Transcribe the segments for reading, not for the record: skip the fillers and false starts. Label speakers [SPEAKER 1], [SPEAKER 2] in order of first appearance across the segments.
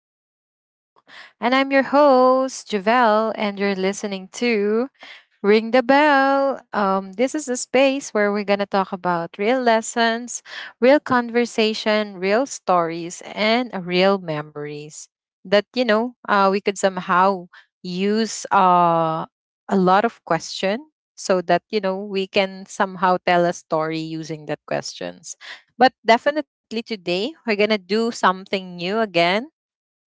[SPEAKER 1] back to the show. And I'm your host, Javelle, and you're listening to Ring the bell. This is a space where we're going to talk about real lessons, real conversation, real stories, and real memories that, you know, we could somehow use a lot of question so that, you know, we can somehow tell a story using that questions. But definitely today, we're going to do something new again,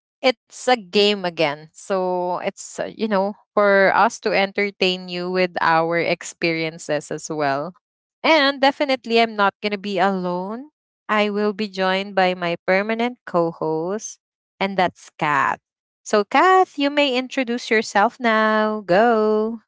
[SPEAKER 1] it's a game again. So it's, you know, for us to entertain you with our experiences as well. And definitely, I'm not going to be alone. I will be joined by my permanent co host, and that's Kath. So, Kath, you may introduce yourself now. Go.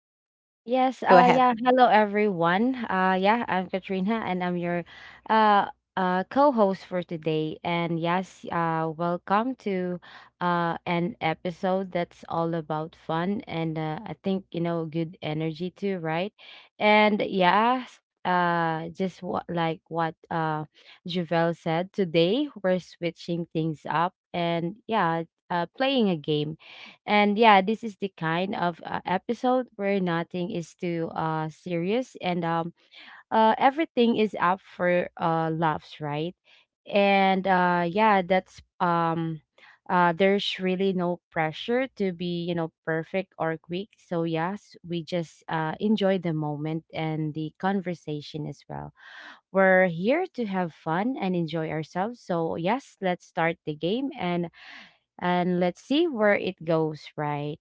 [SPEAKER 2] Yes,
[SPEAKER 1] Go ahead.
[SPEAKER 2] yeah, hello everyone. Yeah, I'm Katrina and I'm your uh co-host for today. And yes, welcome to an episode that's all about fun and, I think, you know, good energy too, right? And yeah. Just what like what Javel said, today we're switching things up, and yeah, playing a game. And yeah, this is the kind of episode where nothing is too serious, and everything is up for laughs, right? And yeah, that's there's really no pressure to be, you know, perfect or quick. So yes, we just enjoy the moment and the conversation as well. We're here to have fun and enjoy ourselves. So yes, let's start the game, and let's see where it goes, right,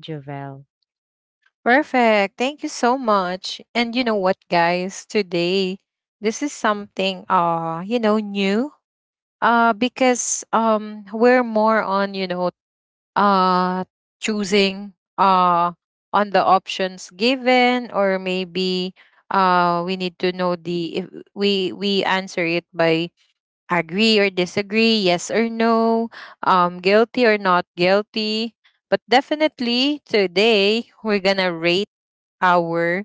[SPEAKER 2] Jovel?
[SPEAKER 1] Perfect. Thank you so much. And you know what, guys? Today, this is something, you know, new, because we're more on, you know, uh choosing on the options given, or maybe we need to know the if we answer it by agree or disagree, yes or no, guilty or not guilty. But definitely today we're gonna rate our,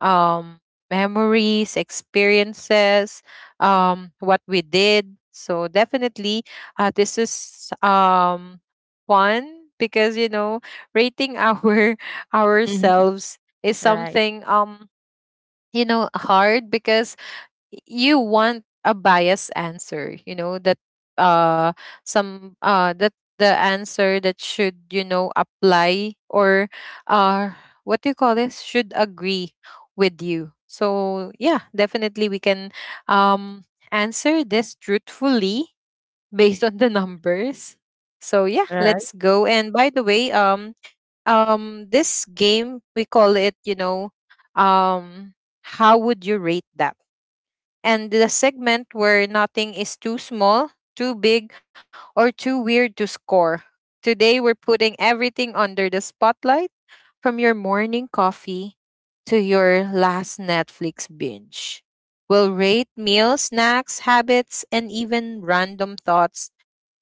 [SPEAKER 1] um memories, experiences, what we did. So definitely this is fun because, you know, rating our
[SPEAKER 2] Mhm.
[SPEAKER 1] ourselves is
[SPEAKER 2] Right.
[SPEAKER 1] something you know hard because you want a biased answer, you know that uh some that the answer that should, you know, apply, or uh what do you call this, should agree with you. So yeah, definitely we can um answer this truthfully based on the numbers. So yeah,
[SPEAKER 2] Right.
[SPEAKER 1] let's go. And by the way, this game we call it, you know, um how would you rate that, and the segment where nothing is too small, too big, or too weird to score. Today, we're putting everything under the spotlight, from your morning coffee to your last Netflix binge. We'll rate meals, snacks, habits, and even random thoughts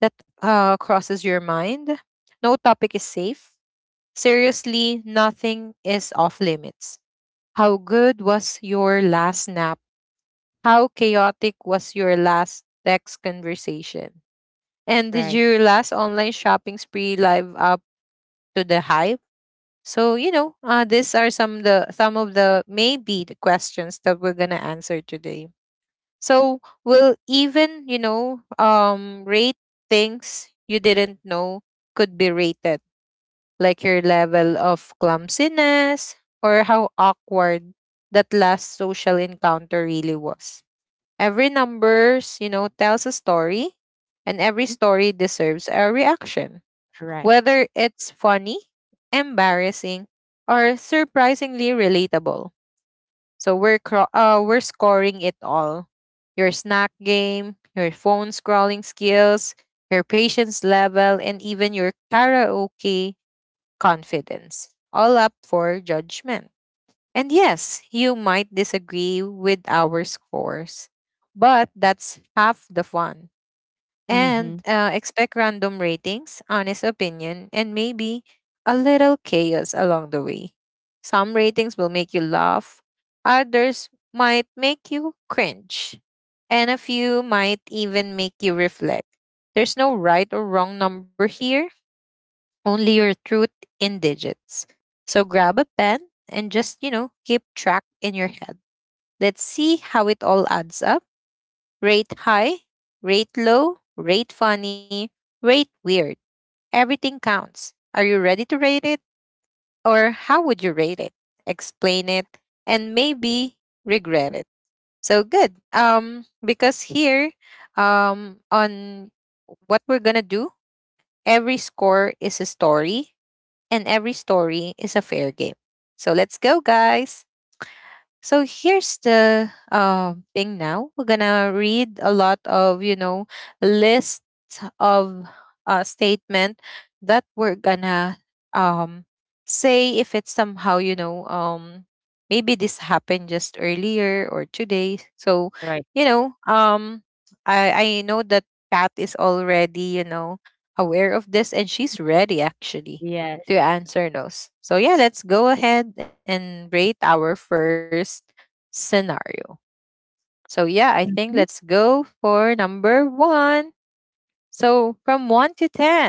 [SPEAKER 1] that crosses your mind. No topic is safe. Seriously, nothing is off limits. How good was your last nap? How chaotic was your last text conversation? And did
[SPEAKER 2] Right.
[SPEAKER 1] your last online shopping spree live up to the hype? So, you know, these are some of the maybe the questions that we're gonna answer today. So we'll even, you know, rate things you didn't know could be rated, like your level of clumsiness or how awkward that last social encounter really was. Every numbers, you know, tells a story, and every
[SPEAKER 2] Mhm.
[SPEAKER 1] story deserves a reaction,
[SPEAKER 2] Right.
[SPEAKER 1] whether it's funny, embarrassing, or surprisingly relatable. So we're scoring it all. Your snack game, your phone scrolling skills, your patience level, and even your karaoke confidence, all up for judgment. And yes, you might disagree with our scores, but that's half the fun.
[SPEAKER 2] Mhm.
[SPEAKER 1] And expect random ratings, honest opinion, and maybe a little chaos along the way. Some ratings will make you laugh, others might make you cringe, and a few might even make you reflect. There's no right or wrong number here, only your truth in digits. So grab a pen and just, you know, keep track in your head. Let's see how it all adds up. Rate high, rate low, rate funny, rate weird. Everything counts. Are you ready to rate it? Or how would you rate it? Explain it and maybe regret it. So good. Because here, on what we're gonna do, every score is a story and every story is a fair game. So let's go, guys. So here's the thing now. We're gonna read a lot of, you know, lists of statement that we're gonna, um, say if it's somehow, you know, maybe this happened just earlier or today. So,
[SPEAKER 2] Right.
[SPEAKER 1] you know, um, I know that Pat is already, you know, aware of this and she's ready actually
[SPEAKER 2] Yes.
[SPEAKER 1] to answer those. So yeah, let's go ahead and rate our first scenario. So, yeah, I think let's go for number one. So, from one to 10,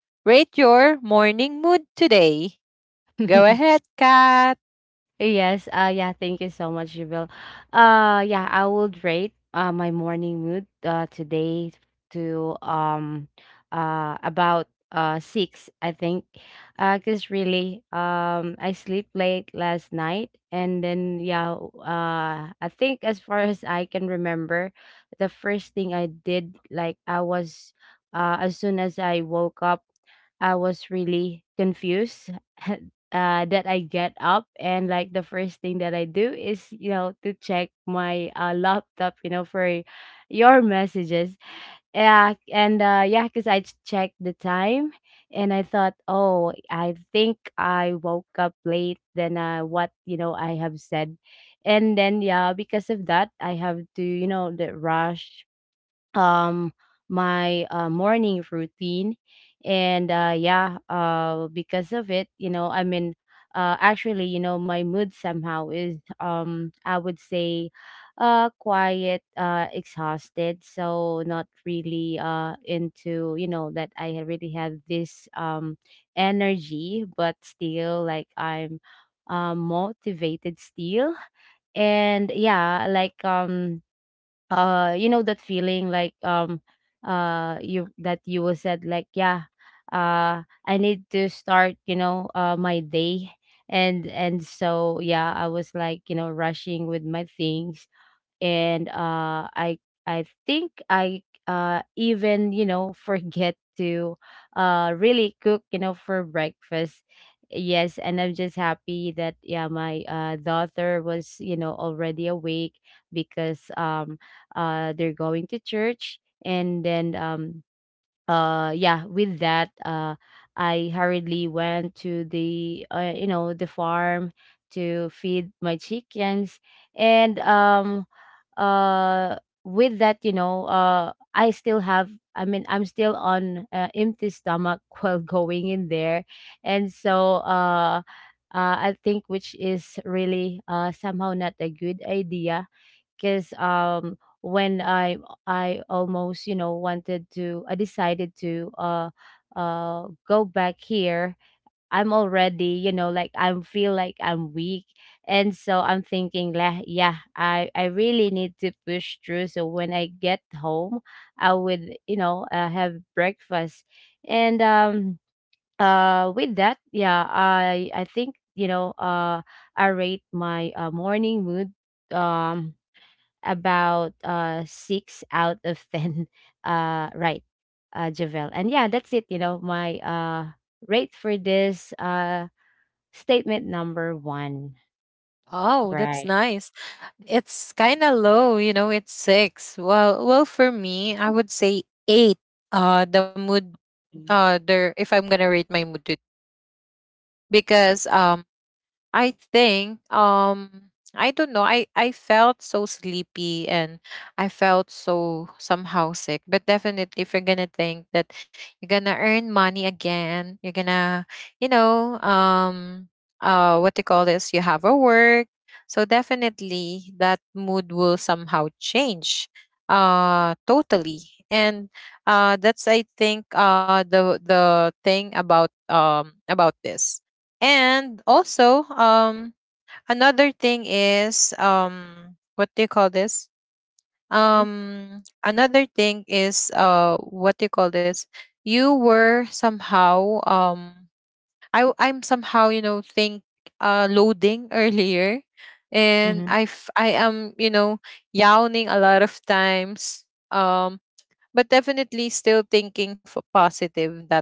[SPEAKER 1] rate your morning mood today. Go ahead, Kat.
[SPEAKER 2] Yes, yeah, thank you so much, Jill. Yeah, I would rate my morning mood today to about six, I think, 'cause really, I sleep late last night, and then yeah, I think, as far as I can remember, the first thing I did, like I was, as soon as I woke up, I was really confused. That I get up, and like the first thing that I do is, you know, to check my laptop, you know, for your messages. Yeah, and yeah, because I checked the time, and I thought, oh, I think I woke up late than what, you know, I have said. And then yeah, because of that, I have to, you know, the rush um my morning routine. And yeah, because of it, you know, I mean, actually, you know, my mood somehow is, I would say, quiet exhausted, so not really into, you know, that I had really have this energy, but still like I'm motivated still. And yeah, like, you know, that feeling like, you that you will said, like, yeah, I need to start, you know, my day. And so yeah, I was like, you know, rushing with my things. And I think I even, you know, forget to really cook, you know, for breakfast. Yes, and I'm just happy that yeah, my daughter was, you know, already awake, because, they're going to church. And then, yeah, with that, I hurriedly went to the you know, the farm to feed my chickens. And, uh with that, you know, I still have, I mean, I'm still on empty stomach while going in there. And so, I think, which is really somehow not a good idea, because, when I almost, you know, wanted to— I decided to go back here. I'm already, you know, like I feel like I'm weak. And so I'm thinking, "Lah, yeah, I really need to push through. So when I get home, I would, you know, have breakfast. And, with that, yeah, I think, you know, I rate my morning mood, um, about six out of 10. Right, Javel. And yeah, that's it, you know, my rate for this. Statement number 1.
[SPEAKER 1] Oh, that's
[SPEAKER 2] Right.
[SPEAKER 1] nice. It's kind of low, you know, it's six. Well, for me, I would say eight. The mood,
[SPEAKER 2] Mhm.
[SPEAKER 1] there, if I'm gonna rate my mood today, because, I think I don't know. I felt so sleepy and I felt so somehow sick. But definitely if you're gonna think that you're gonna earn money again, you're gonna, you know, what you call this, you have a work. So definitely that mood will somehow change totally. And that's I think uh, the thing about this. And also, another thing is, what do you call this? Another thing is what do you call this? You were somehow um, I'm somehow, you know, think loading earlier, and
[SPEAKER 2] Mhm.
[SPEAKER 1] I am, you know, yawning a lot of times. Um, but definitely still thinking for positive that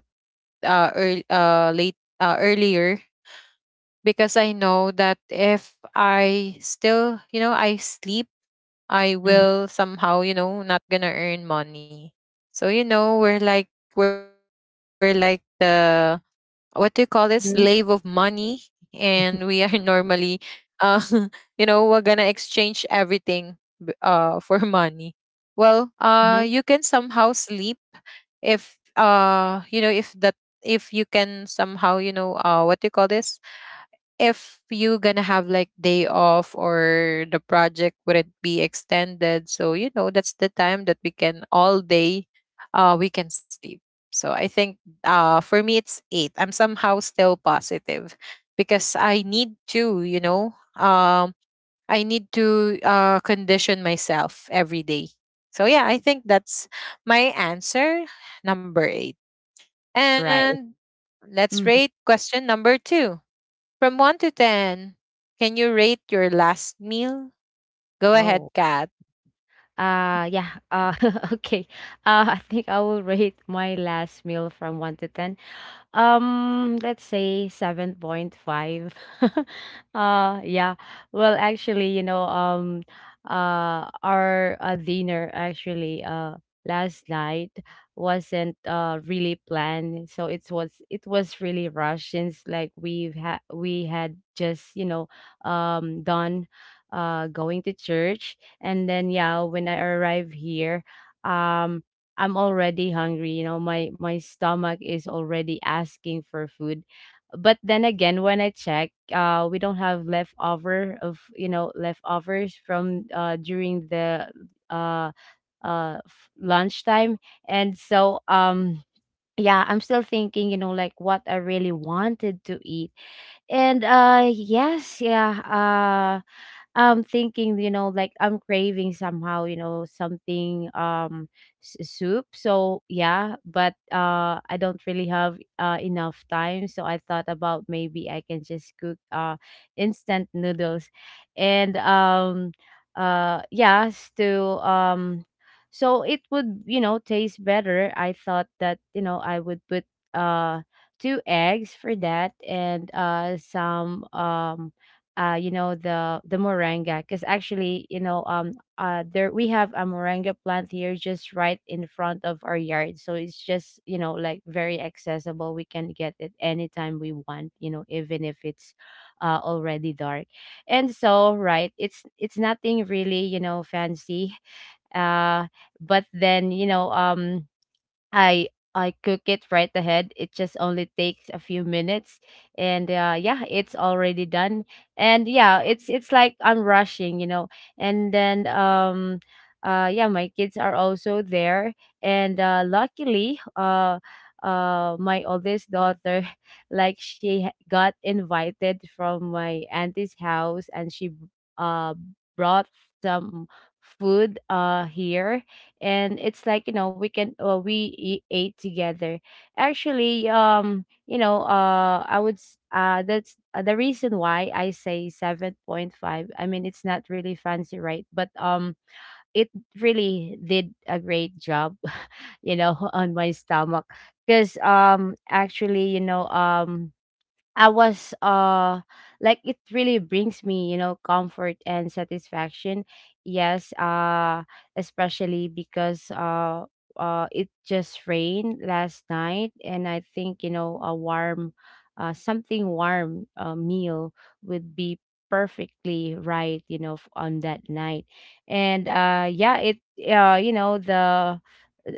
[SPEAKER 1] earl- late earlier, because I know that if I still, you know, I sleep, I
[SPEAKER 2] Mhm.
[SPEAKER 1] will somehow, you know, not gonna earn money. So, you know, we're like the, what do you call this, slave of
[SPEAKER 2] Mhm.
[SPEAKER 1] money. And we are normally uh you know, we're gonna exchange everything for money. Well, you
[SPEAKER 2] Mhm.
[SPEAKER 1] can somehow sleep if you know, if you can somehow, you know, what do you call this, if you gonna have like day off or the project wouldn't be extended, so you know, that's the time that we can all day, we can sleep. So I think, for me it's eight. I'm somehow still positive because I need to, you know, I need to condition myself every day. So yeah, I think that's my answer, number eight.
[SPEAKER 2] Right.
[SPEAKER 1] And let's
[SPEAKER 2] Mhm.
[SPEAKER 1] rate question number two. From 1 to 10, can you rate your last meal? Go ahead,
[SPEAKER 2] Oh.
[SPEAKER 1] Kat.
[SPEAKER 2] Yeah. Okay. I think I will rate my last meal from 1 to 10. Let's say 7.5. Yeah. Well, actually, you know, our dinner actually last night wasn't really planned, so it was really rushed, since like we had just, you know, done, going to church, and then yeah, when I arrived here. um. I'm already hungry, you know, my stomach is already asking for food. But then again, when I check, we don't have leftover of, you know, leftovers from during the uh lunchtime. And so, yeah, I'm still thinking, you know, like what I really wanted to eat. And yes, yeah, I'm thinking, you know, like I'm craving somehow, you know, something, soup. So yeah, but I don't really have enough time, so I thought about maybe I can just cook instant noodles. And, yes to so it would, you know, taste better. I thought that, you know, I would put uh two eggs for that and some, you know, the moringa, because actually, you know, there we have a moringa plant here, just right in front of our yard, so it's just, you know, like very accessible. We can get it anytime we want, you know, even if it's already dark. And so, right, it's nothing really, you know, fancy, uh but then, you know, I I cook it right ahead. It just only takes a few minutes, and yeah, it's already done. And yeah, it's like I'm rushing, you know. And then, yeah, my kids are also there, and luckily, my oldest daughter, like she got invited from my auntie's house, and she uh brought some food here, and it's like, you know, we ate together. Actually, you know, that's the reason why I say 7.5. I mean, it's not really fancy, right, but it really did a great job, you know, on my stomach, because, actually, you know, I was like it really brings me, you know, comfort and satisfaction. Yes, especially because, it just rained last night, and I think, you know, a warm— something warm, meal would be perfectly right, you know, on that night. And yeah, it you know, the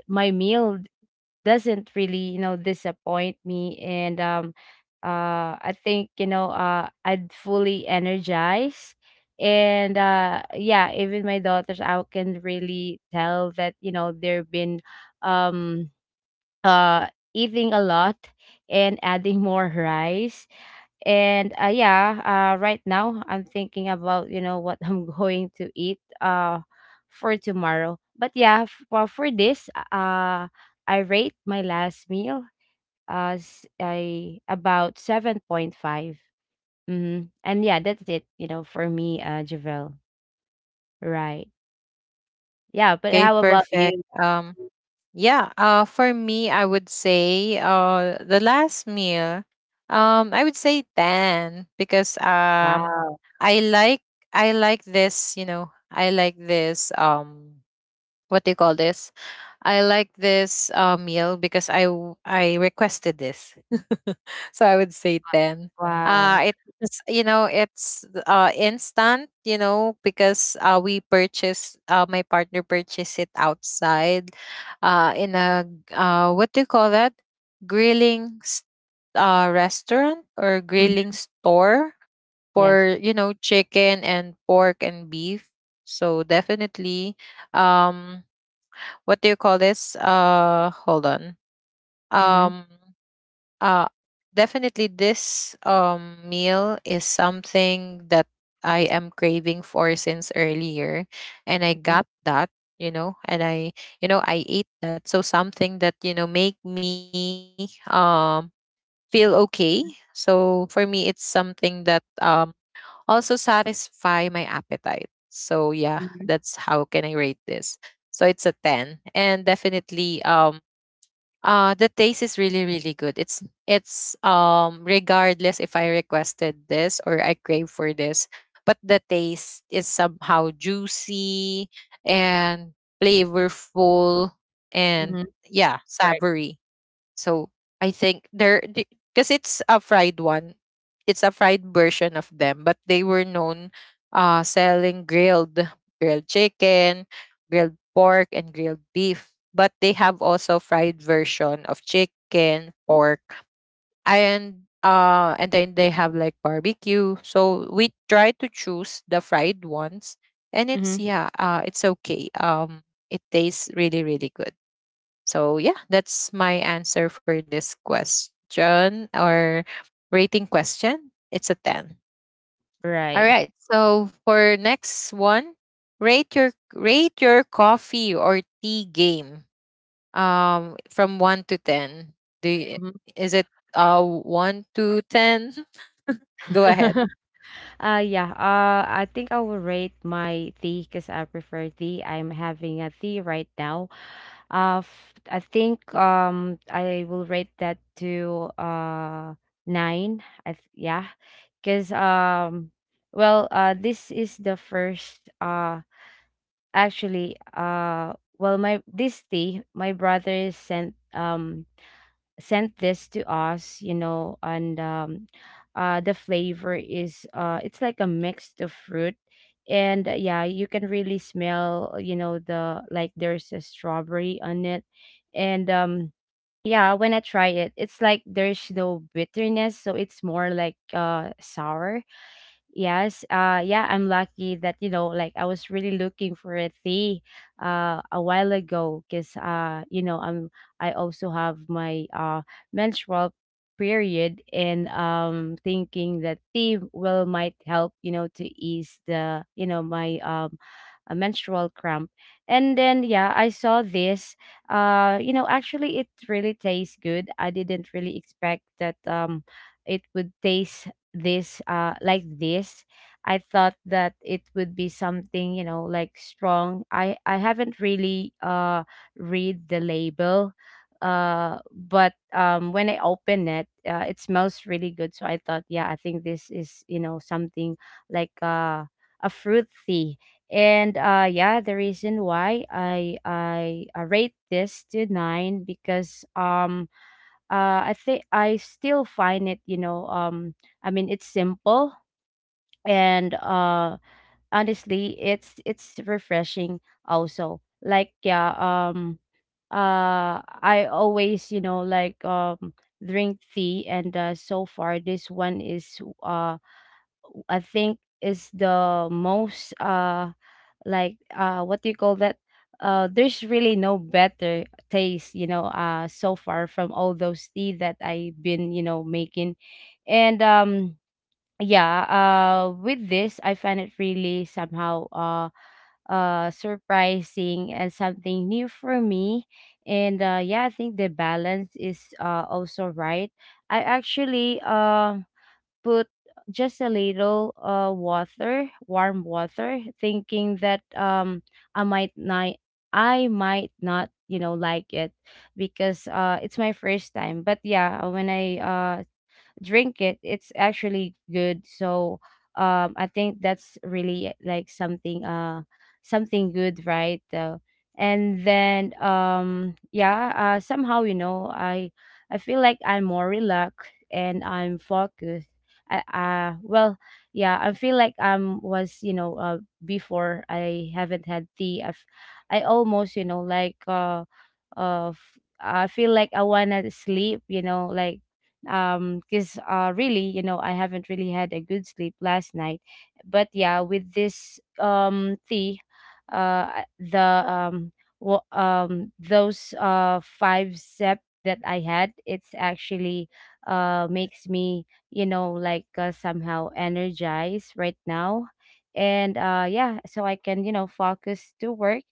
[SPEAKER 2] my meal doesn't really, you know, disappoint me, and, I think, you know, I'd fully energize. And yeah, even my daughters, I can really tell that, you know, they've been, um uh eating a lot and adding more rice. And yeah, right now I'm thinking about, you know, what I'm going to eat for tomorrow, but yeah, well, for this, I rate my last meal as I about 7.5. Mm-hmm. And yeah, that's it, you know, for me, Javel, right? Yeah, but
[SPEAKER 1] Okay,
[SPEAKER 2] how about
[SPEAKER 1] perfect.
[SPEAKER 2] you?
[SPEAKER 1] Yeah, for me I would say the last meal, I would say 10, because
[SPEAKER 2] Wow.
[SPEAKER 1] I like, this, you know, I like this, what do you call this? I like this meal because I requested this, so I would say ten.
[SPEAKER 2] Wow.
[SPEAKER 1] It's, you know, it's instant, you know, because we purchase my partner purchased it outside, in a what do you call that, grilling s- restaurant or grilling
[SPEAKER 2] Hmm.
[SPEAKER 1] store
[SPEAKER 2] Yes.
[SPEAKER 1] for, you know, chicken and pork and beef. So definitely, um, what do you call this? Hold on.
[SPEAKER 2] Mm-hmm.
[SPEAKER 1] Um, uh, definitely this meal is something that I am craving for since earlier, and I
[SPEAKER 2] Mm-hmm.
[SPEAKER 1] got that. You know, and I, you know, I ate that. So something that, you know, make me feel okay. So for me, it's something that also satisfy my appetite. So yeah,
[SPEAKER 2] Mm-hmm.
[SPEAKER 1] that's how can I rate this. So it's a 10. And definitely the taste is really really good. It's regardless if I requested this or I crave for this, but the taste is somehow juicy and flavorful and
[SPEAKER 2] Mm-hmm.
[SPEAKER 1] yeah,
[SPEAKER 2] Right.
[SPEAKER 1] savory. So I think they're because it's a fried one. It's a fried version of them, but they were known selling grilled, chicken, grilled pork, and grilled beef. But they have also fried version of chicken, pork, and and then they have like barbecue. So we tried to choose the fried ones and it's,
[SPEAKER 2] Mhm.
[SPEAKER 1] yeah, it's okay. It tastes really really good. So yeah, that's my answer for this question, or rating question. It's a 10. All
[SPEAKER 2] Right.
[SPEAKER 1] right. So for next one, rate your coffee or tea game from 1 to 10. Do you,
[SPEAKER 2] Mhm.
[SPEAKER 1] is it 1 to 10? Go ahead.
[SPEAKER 2] Yeah. I think I will rate my tea because I prefer tea. I'm having a tea right now. I think, I will rate that to nine. Yeah, because, well, this is the first, actually, well, my this tea my brother sent, sent this to us, you know. And, the flavor is, it's like a mix of fruit, and yeah, you can really smell, you know, the— like there's a strawberry on it. And, yeah, when I try it, it's like there's no bitterness, so it's more like sour. Yes, yeah, I'm lucky that, you know, like I was really looking for a tea a while ago, 'cuz you know, I also have my menstrual period, and, thinking that tea will might help, you know, to ease the, you know, my, a menstrual cramp. And then yeah, I saw this. You know, actually it really tastes good. I didn't really expect that, it would taste this like this. I thought that it would be something, you know, like strong. I haven't really read the label, but, when I open it, it smells really good, so I thought, yeah, I think this is, you know, something like a fruit tea. And yeah, the reason why I rate this to nine, because, I think, I still find it, you know, I mean, it's simple, and honestly, it's refreshing also. Like yeah, I always, drink tea, and so far this one is I think is the most what do you call that? There's really no better taste, so far from all those tea that I've been, making. And yeah, with this I find it really somehow surprising and something new for me. And yeah, I think the balance is also right. I actually put just a little water, warm water, thinking that I might not, I might not, like it, because it's my first time. But yeah, when I drink it, it's actually good. So I think that's really like something something good, right? And then yeah, somehow, you know, I feel like I'm more relaxed and I'm focused. I, well Yeah, I feel like I'm was, before I haven't had tea, I almost, I feel like I wanna sleep, you know, like. Because really, you know, I haven't really had a good sleep last night. But yeah, with this tea, the um those five step that I had, it's actually makes me, you know, somehow energized right now. And yeah, so I can, you know, focus to work.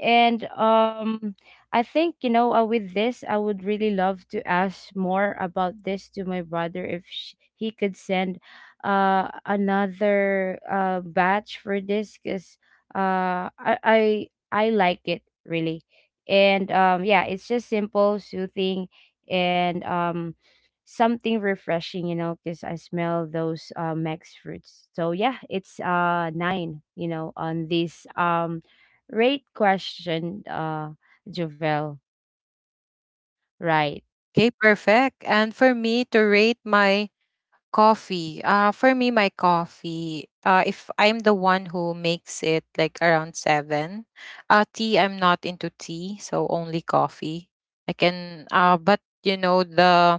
[SPEAKER 2] And I think, with this, I would really love to ask more about this to my brother, if he could send another batch for this, because I like it really. And yeah, it's just simple, soothing, and something refreshing, you know, because I smell those max fruits. So yeah, it's nine, you know, on this rate question. Jovel. Right.
[SPEAKER 1] Okay, perfect. And for me to rate my coffee. For me, my coffee, if I'm the one who makes it, like around seven. Tea, I'm not into tea, so only coffee I can. But, you know,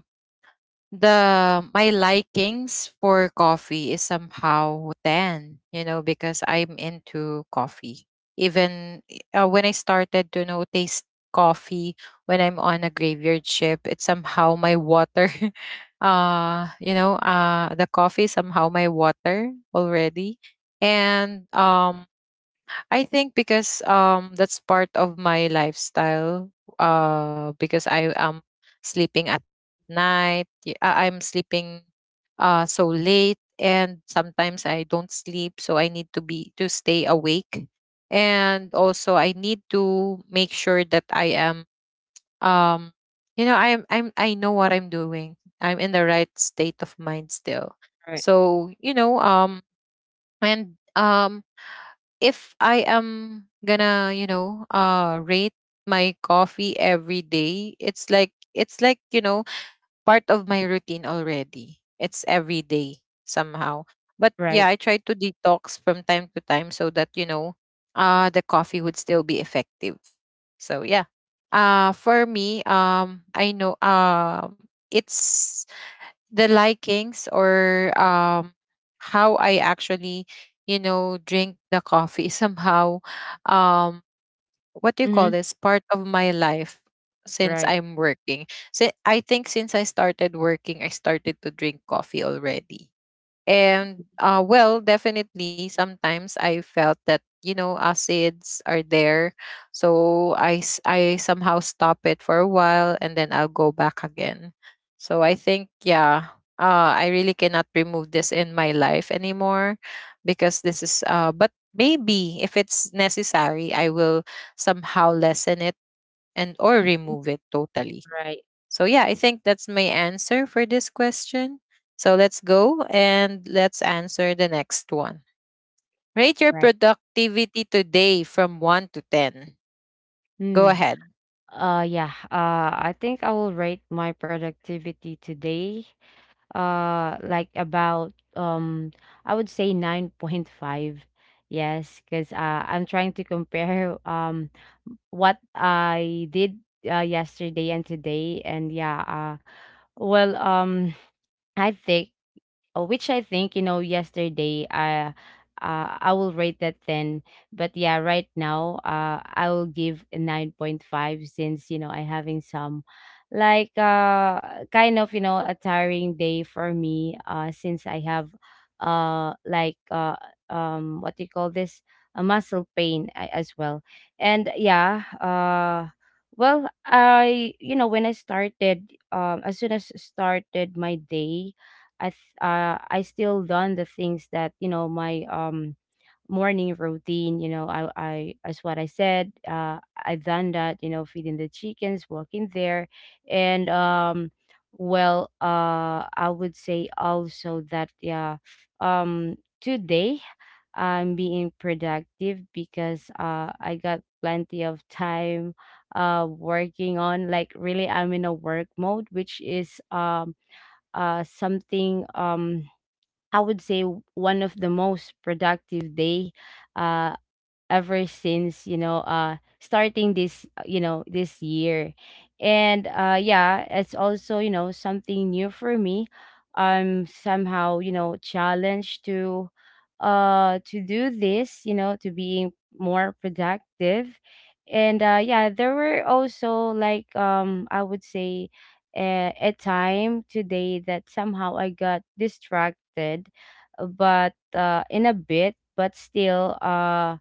[SPEAKER 1] the my likings for coffee is somehow 10, you know, because I'm into coffee. Even when I started to know taste coffee, when I'm on a graveyard ship, it's somehow my water. You know, the coffee is somehow my water already. And I think because that's part of my lifestyle. Because I am sleeping at night. I'm sleeping so late, and sometimes I don't sleep, so I need to be to stay awake. And also I need to make sure that I am, um you know, I know what I'm doing. I'm in the right state of mind still.
[SPEAKER 2] Right.
[SPEAKER 1] So, you know, and if I am gonna, you know, rate my coffee every day, it's like, you know, part of my routine already. It's every day somehow. But yeah,
[SPEAKER 2] Right.
[SPEAKER 1] I try to detox from time to time so that, you know, the coffee would still be effective. So yeah. For me, I know it's the likings or how I actually, you know, drink the coffee is somehow um what do you call
[SPEAKER 2] Mhm.
[SPEAKER 1] this part of my life since
[SPEAKER 2] Right.
[SPEAKER 1] I'm working. So I think since I started working, I started to drink coffee already. And well, definitely, sometimes I felt that you know acids are there, so I somehow stop it for a while and then I'll go back again. So I think yeah, I really cannot remove this in my life anymore because this is but maybe if it's necessary, I will somehow lessen it and or
[SPEAKER 2] Mhm.
[SPEAKER 1] remove it totally.
[SPEAKER 2] Right.
[SPEAKER 1] So yeah, I think that's my answer for this question. So let's go and let's answer the next one. Rate your
[SPEAKER 2] Right.
[SPEAKER 1] productivity today from 1 to 10. Go
[SPEAKER 2] Hmm.
[SPEAKER 1] ahead.
[SPEAKER 2] Yeah. I think I will rate my productivity today. Like about I would say 9.5. Yes, cuz I'm trying to compare what I did, yesterday and today. And yeah uh well um I think Oh, which I think, you know, yesterday, I will rate that 10. But yeah, right now, I will give a 9.5, since, you know, I having some, kind of, you know, a tiring day for me, since I have uh like uh what do you call this? A muscle pain, as well. And yeah, I you know, when I started, as soon as started my day, I still done the things that, you know, my morning routine. You know, I, as what I said, I've done that. You know, feeding the chickens, walking there, and I would say also that yeah, um, today I'm being productive, because I got plenty of time working on, like, really I'm in a work mode, which is something, I would say one of the most productive day, uh, ever since, starting this, this year. And yeah, it's also, you know, something new for me. I'm somehow, you know, challenged to, to do this, you know, to being more productive. And yeah, there were also, I would say, a time today that somehow I got distracted, but in a bit. But still, uh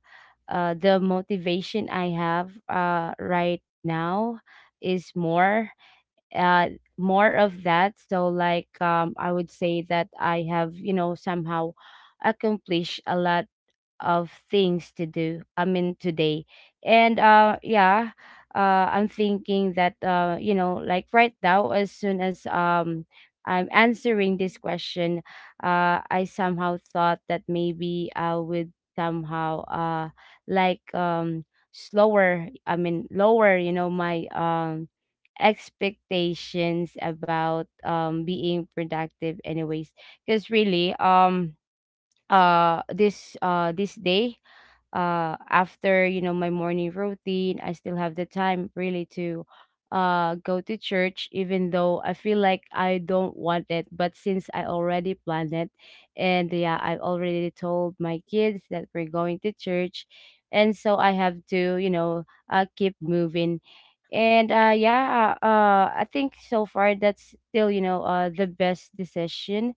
[SPEAKER 2] uh, the motivation I have right now is more, uh, more of that. So, I would say that I have, you know, somehow accomplished a lot of things to do, I mean, today. And yeah, I'm thinking that, you know, like right now, as soon as I'm answering this question, I somehow thought that maybe I would somehow, like um slower, I mean, lower, you know, my expectations about being productive, anyways. Because really, this day, after, you know, my morning routine, I still have the time, really, to go to church, even though I feel like I don't want it, but since I already planned it, and yeah, I already told my kids that we're going to church, and so I have to, keep moving. And yeah, I think so far that's still, the best decision,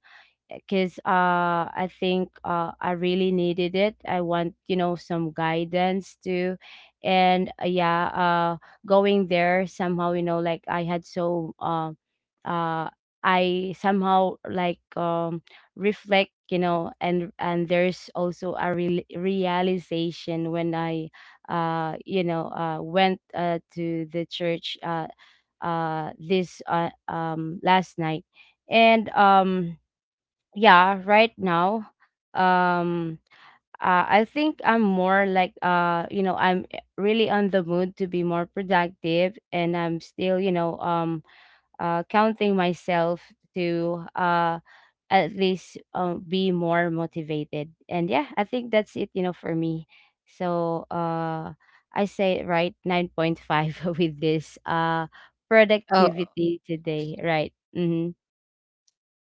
[SPEAKER 2] because I think, I really needed it. I want, you know, some guidance too. And yeah, going there somehow, you know, like I had so, uh, uh I somehow, reflect, you know. And there's also a real realization when I, you know, went, to the church, this, last night. And yeah, right now, um I think I'm more, you know, I'm really on the mood to be more productive, and I'm still, you know, counting myself to, at least, be more motivated. And yeah, I think that's it, you know, for me. So I say, right, 9.5, with this
[SPEAKER 1] Oh,
[SPEAKER 2] productivity today, right. Mm-hmm.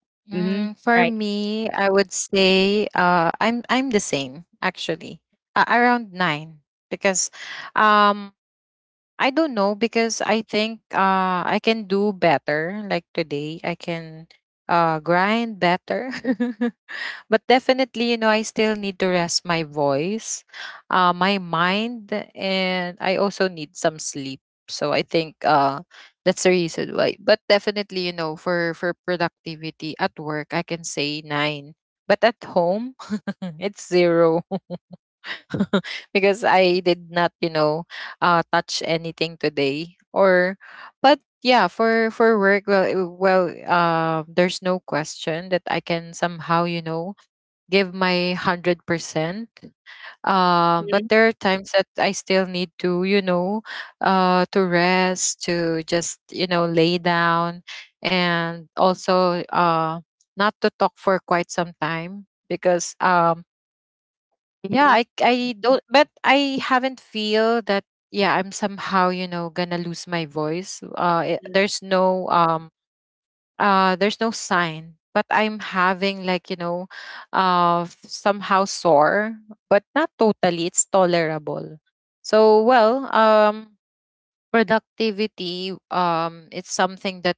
[SPEAKER 2] Mm-hmm.
[SPEAKER 1] for
[SPEAKER 2] Right.
[SPEAKER 1] me, I would say I'm the same actually. Around 9 because um I don't know because I think I can do better like today. I can grind better. But definitely you know I still need to rest my voice, my mind, and I also need some sleep. So I think that's the reason why. But definitely, you know, for productivity at work I can say 9, but at home it's 0 because I did not, you know, touch anything today. Or but yeah, for work, well, there's no question that I can somehow, you know, give my 100%. But
[SPEAKER 2] Mm-hmm.
[SPEAKER 1] there are times that I still need to, you know, to rest, to just, you know, lay down, and also not to talk for quite some time. Because yeah,
[SPEAKER 2] Mm-hmm.
[SPEAKER 1] I don't, but I haven't feel that. Yeah, I'm somehow, you know, gonna lose my voice.
[SPEAKER 2] Mm-hmm.
[SPEAKER 1] There's no there's no sign, but I'm having, like, you know, somehow sore, but not totally. It's tolerable. So well, productivity, it's something that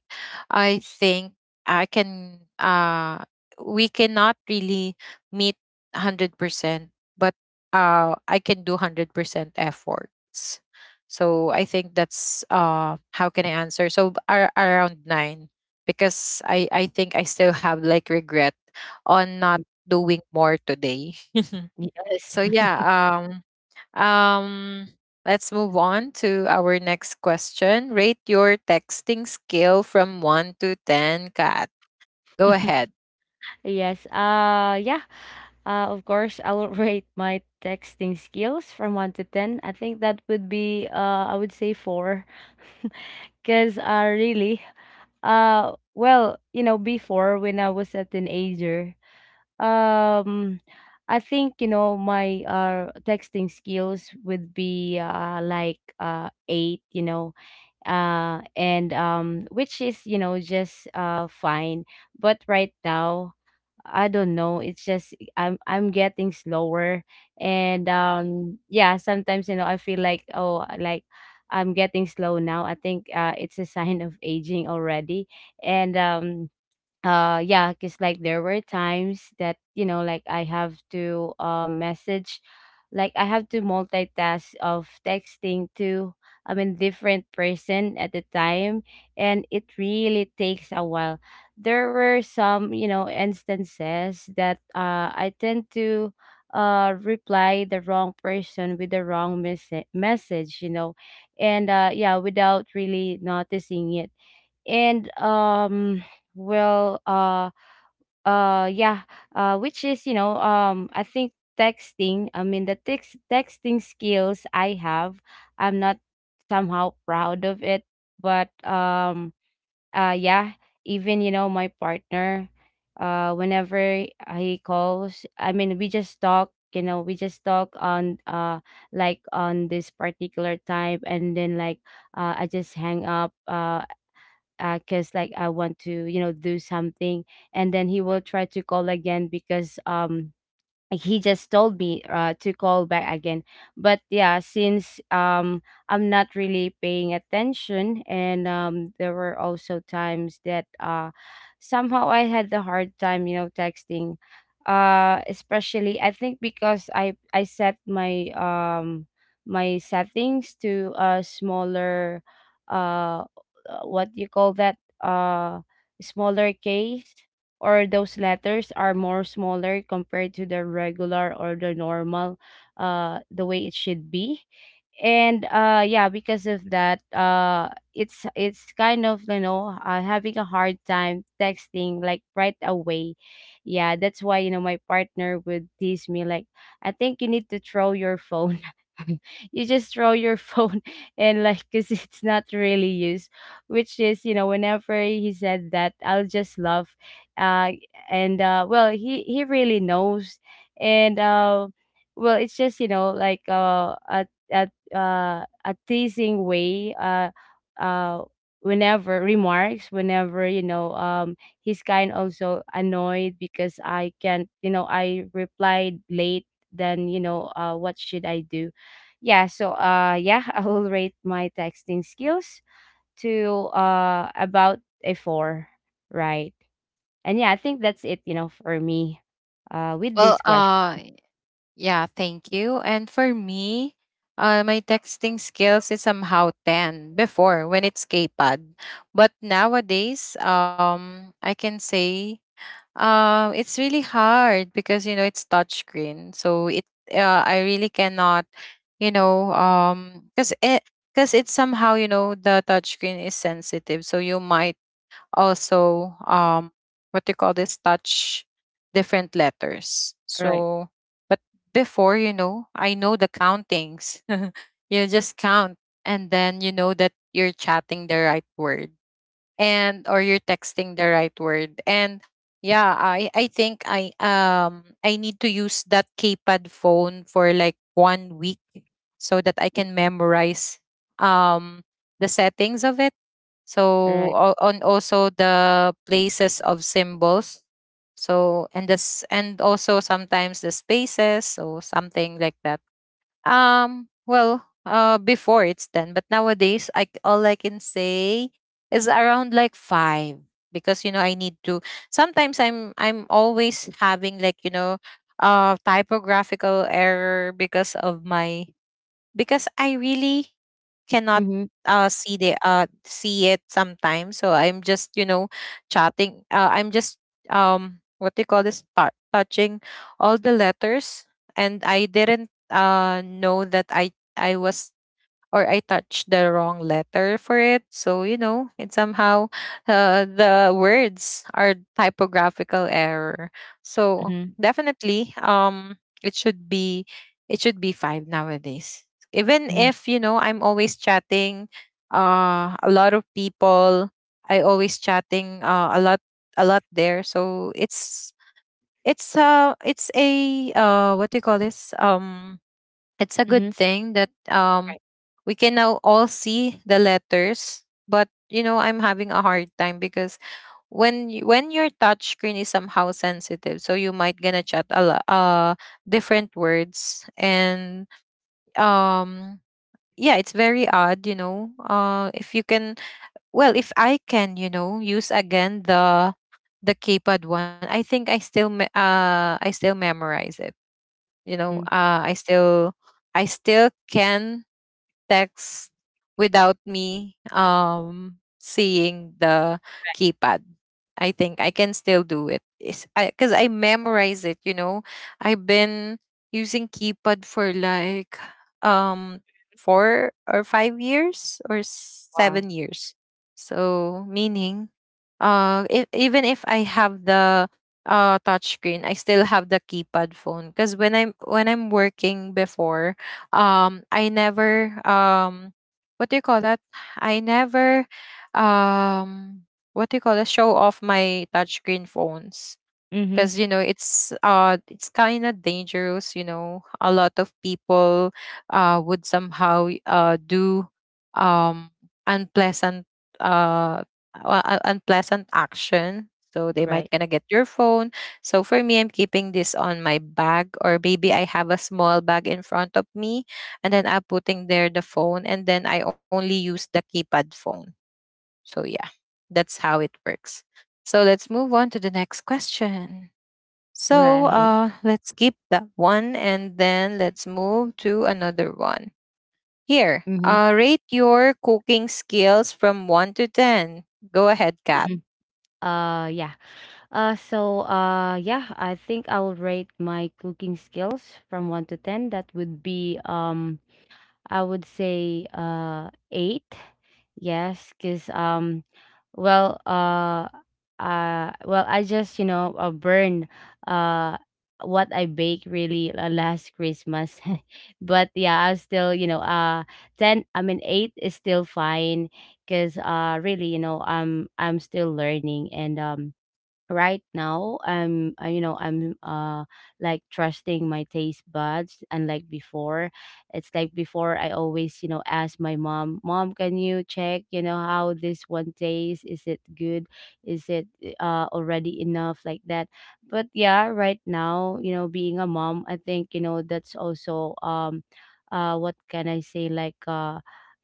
[SPEAKER 1] I think I can we cannot really meet 100%. But I can do 100% efforts. So I think that's how can I answer. So around 9 because I think I still have like regret on not doing more today.
[SPEAKER 2] Yes.
[SPEAKER 1] So yeah, um, let's move on to our next question. Rate your texting skill from 1 to 10, Kat. Go ahead.
[SPEAKER 2] Yes. Yeah. Of course, I will rate my texting skills from 1 to 10. I think that would be, I would say, 4. Cuz really, well, you know, before when I was a teenager, um I think, you know, my texting skills would be, 8, you know. And which is, you know, just fine. But right now, I don't know. It's just I'm getting slower, and yeah, sometimes, you know, I feel like, oh, like I'm getting slow now. I think it's a sign of aging already, and yeah, because, like, there were times that, you know, like, I have to message, like I have to multitask of texting to, I mean, different person at the time, and it really takes a while. There were some, you know, instances that I tend to, reply the wrong person with the wrong message, you know. And yeah, without really noticing it. And um well uh uh yeah uh which is, you know, I think texting, I mean, the texting skills I have, I'm not somehow proud of it. But yeah, even, you know, my partner, whenever he calls, I mean, we just talk, you know, we just talk on like, on this particular time, and then, like, I just hang up, because, like, I want to, you know, do something, and then he will try to call again, because like, he just told me, to call back again. But yeah, since I'm not really paying attention. And there were also times that somehow I had the hard time, you know, texting, especially, I think, because I set my my settings to a smaller, uh what do you call that, smaller case, or those letters are more smaller compared to the regular or the normal, the way it should be. And yeah, because of that, it's kind of, you know, having a hard time texting, like, right away. Yeah, that's why, you know, my partner would tease me, like, I think you need to throw your phone. You just throw your phone and, like, because it's not really used, which is, you know, whenever he said that I'll just laugh. Uh and well He really knows. And well, it's just, you know, like, a a teasing way, uh, whenever remarks, whenever, you know, he's kind also annoyed because I can't, you know, I replied late. Then, you know, what should I do? Yeah, yeah, I will rate my texting skills to, about a four, right. And yeah, I think that's it, you know, for me, with
[SPEAKER 1] Well,
[SPEAKER 2] this question.
[SPEAKER 1] yeah, thank you. And for me, my texting skills is somehow 10 before when it's K-pad. But nowadays, I can say. It's really hard because you know it's touchscreen, so it I really cannot, you know, because it's somehow, you know, the touchscreen is sensitive, so you might also, what you call this, touch different letters.
[SPEAKER 2] Right.
[SPEAKER 1] So, but before, you know, I know the countings. You just count, and then you know that you're chatting the right word, and or you're texting the right word. And yeah, I think I need to use that keypad phone for like one week so that I can memorize um the settings of it, so
[SPEAKER 2] Right.
[SPEAKER 1] on also the places of symbols, so and this, and also sometimes the spaces, so something like that. Well, before it's 10, but nowadays, all I can say is around like 5, because, you know, I need to. Sometimes I'm always having, like, you know, typographical error because of my, because I really cannot
[SPEAKER 2] Mm-hmm.
[SPEAKER 1] see the see it sometimes. So I'm just, you know, chatting, I'm just, what do you call this, touching all the letters, and I didn't, know that I was, or I touched the wrong letter for it. So you know, it somehow, the words are typographical error. So
[SPEAKER 2] Mm-hmm.
[SPEAKER 1] definitely, it should be, it should be 5 nowadays. Even
[SPEAKER 2] Mm-hmm.
[SPEAKER 1] if, you know, I'm always chatting a lot of people. I always chatting a lot there. So it's a what do you call this, it's a good
[SPEAKER 2] Mm-hmm.
[SPEAKER 1] thing that
[SPEAKER 2] Right.
[SPEAKER 1] we can now all see the letters. But you know, I'm having a hard time because when your touch screen is somehow sensitive, so you might gonna chat a lot, different words. And um yeah, it's very odd, you know. If if I can, you know, use again the keypad one, I think I still, I still memorize it. You know,
[SPEAKER 2] Mm-hmm.
[SPEAKER 1] I still can text without me, seeing the keypad. I think I can still do it. Is I cuz I memorize it, you know. I've been using keypad for like, um 4 or 5 years or
[SPEAKER 2] Wow.
[SPEAKER 1] 7 years. So meaning if, even if I have the touch screen, I still have the keypad phone, cuz when I'm working before, I never, what do you call that? I never, um what do you call that? Show off my touchscreen phones
[SPEAKER 2] Mhm.
[SPEAKER 1] because you know it's kind of dangerous. You know, a lot of people would somehow do, um unpleasant uh unpleasant action, so they might
[SPEAKER 2] Right.
[SPEAKER 1] gonna get your phone. So for me, I'm keeping this on my bag, or maybe I have a small bag in front of me, and then I'm putting there the phone, and then I only use the keypad phone. So yeah, that's how it works. So let's move on to the next question. So
[SPEAKER 2] Right.
[SPEAKER 1] let's keep that one and then let's move to another one. Here,
[SPEAKER 2] Mhm.
[SPEAKER 1] rate your cooking skills from 1 to 10. Go ahead, Kat.
[SPEAKER 2] Mhm. Yeah. So, yeah, I think I will rate my cooking skills from 1 to 10. That would be, I would say, 8. Yes, cuz well uh I just, you know, burned uh what I baked, really, last Christmas. But yeah, I still, 10, I mean 8 is still fine. Cuz really, you know, I'm still learning. And right now I'm you know I'm like trusting my taste buds, unlike before. It's like before I always, you know, ask my mom, can you check, you know, how this one tastes? Is it good? Is it already enough, like that? But yeah, right now, you know, being a mom, I think, you know, that's also, um, what can I say, like, uh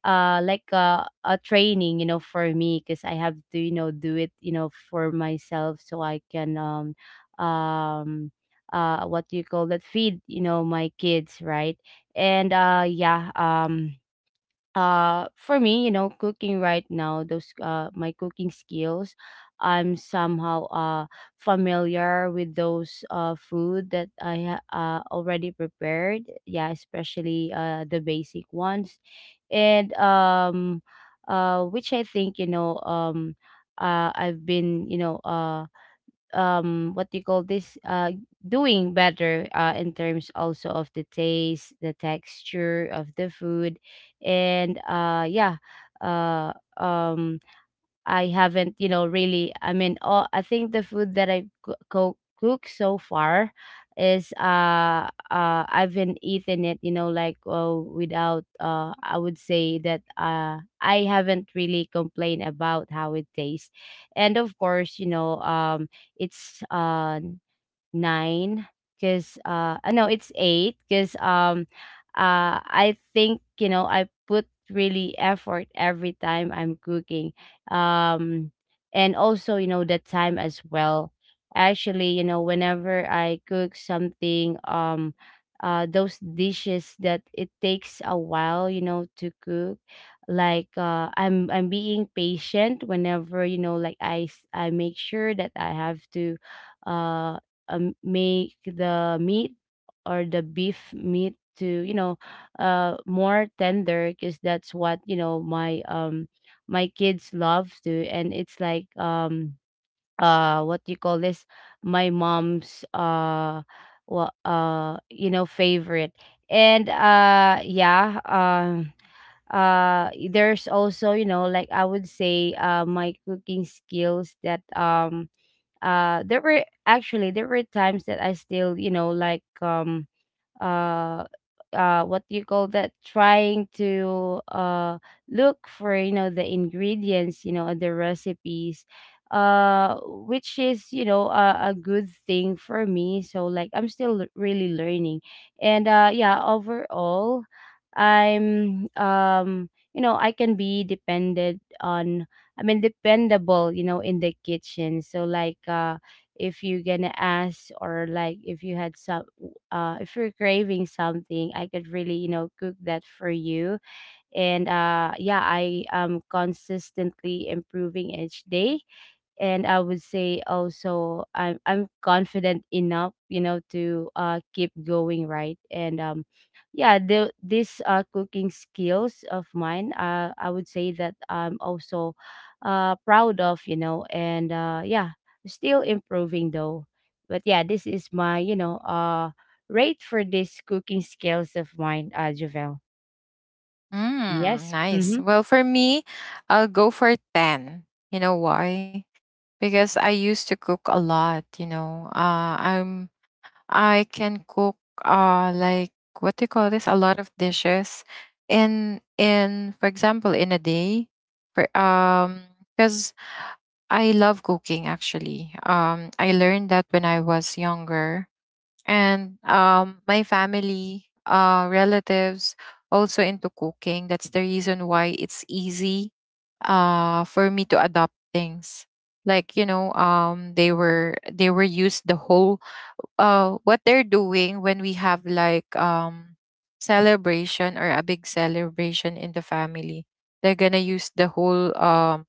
[SPEAKER 2] uh like, a training, you know, for me, because I have to, you know, do it, you know, for myself, so I can, um, what do you call that, feed, you know, my kids, right? And, yeah, um, for me, you know, cooking right now, those, uh, my cooking skills, I'm somehow, uh, familiar with those, uh, food that I already prepared. Yeah, especially, uh, the basic ones. And which I think, you know, um, I've been, you know, uh, what do you call this, doing better, uh, in terms also of the taste, the texture of the food. And, yeah, uh, I haven't, you know, really. I mean, all, I think the food that I cook so far is, uh, I've been eating it, you know, like, without, I would say that, uh, I haven't really complained about how it tastes. And of course, you know, um, it's 9, because no, it's 8, because, um, uh, I think, you know, I put really effort every time I'm cooking. Um, and also, you know, the time as well. Actually, you know, whenever I cook something, um, uh, those dishes that it takes a while, you know, to cook, like, uh, I'm being patient whenever, you know, like I make sure that I have to, uh make the meat or the beef meat to, you know, more tender, because that's what, you know, my, um, my kids love to. And it's like, um, uh, what do you call this, my mom's, uh, you know, favorite. And, yeah, um, there's also, you know, like I would say, uh, my cooking skills, that, um, there were actually there were times that I still, you know, like, um uh what do you call that, trying to, look for, you know, the ingredients, you know, and the recipes, uh which is, you know, a good thing for me, so like I'm still really learning. And, yeah, overall, I'm, um, you know, I can be depended on. I mean, dependable, you know, in the kitchen. So, like, uh, if you're gonna ask, or like, if you had some, if you're craving something, I could really, you know, cook that for you. And, yeah, I am consistently improving each day. And I would say also, I'm confident enough, you know, to, keep going, right? And, yeah, these, uh, cooking skills of mine, uh, I would say that I'm also, uh, proud of, you know. And, uh, yeah, still improving though. But yeah, this is my, you know, uh, rate for this cooking skills of mine, uh, Javel.
[SPEAKER 1] Mm,
[SPEAKER 2] Yes.
[SPEAKER 1] nice.
[SPEAKER 2] Mm-hmm.
[SPEAKER 1] Well, for me, I'll go for 10. You know why? Because I used to cook a lot, you know. I can cook like, what do you call this? A lot of dishes, in, for example, in a day. For Because I love cooking, actually. I learned that when I was younger, and my family, relatives, also into cooking. That's the reason why it's easy, for me to adopt things. Like, you know, they were used the whole, what they're doing when we have like, celebration, or a big celebration in the family. They're gonna use the whole um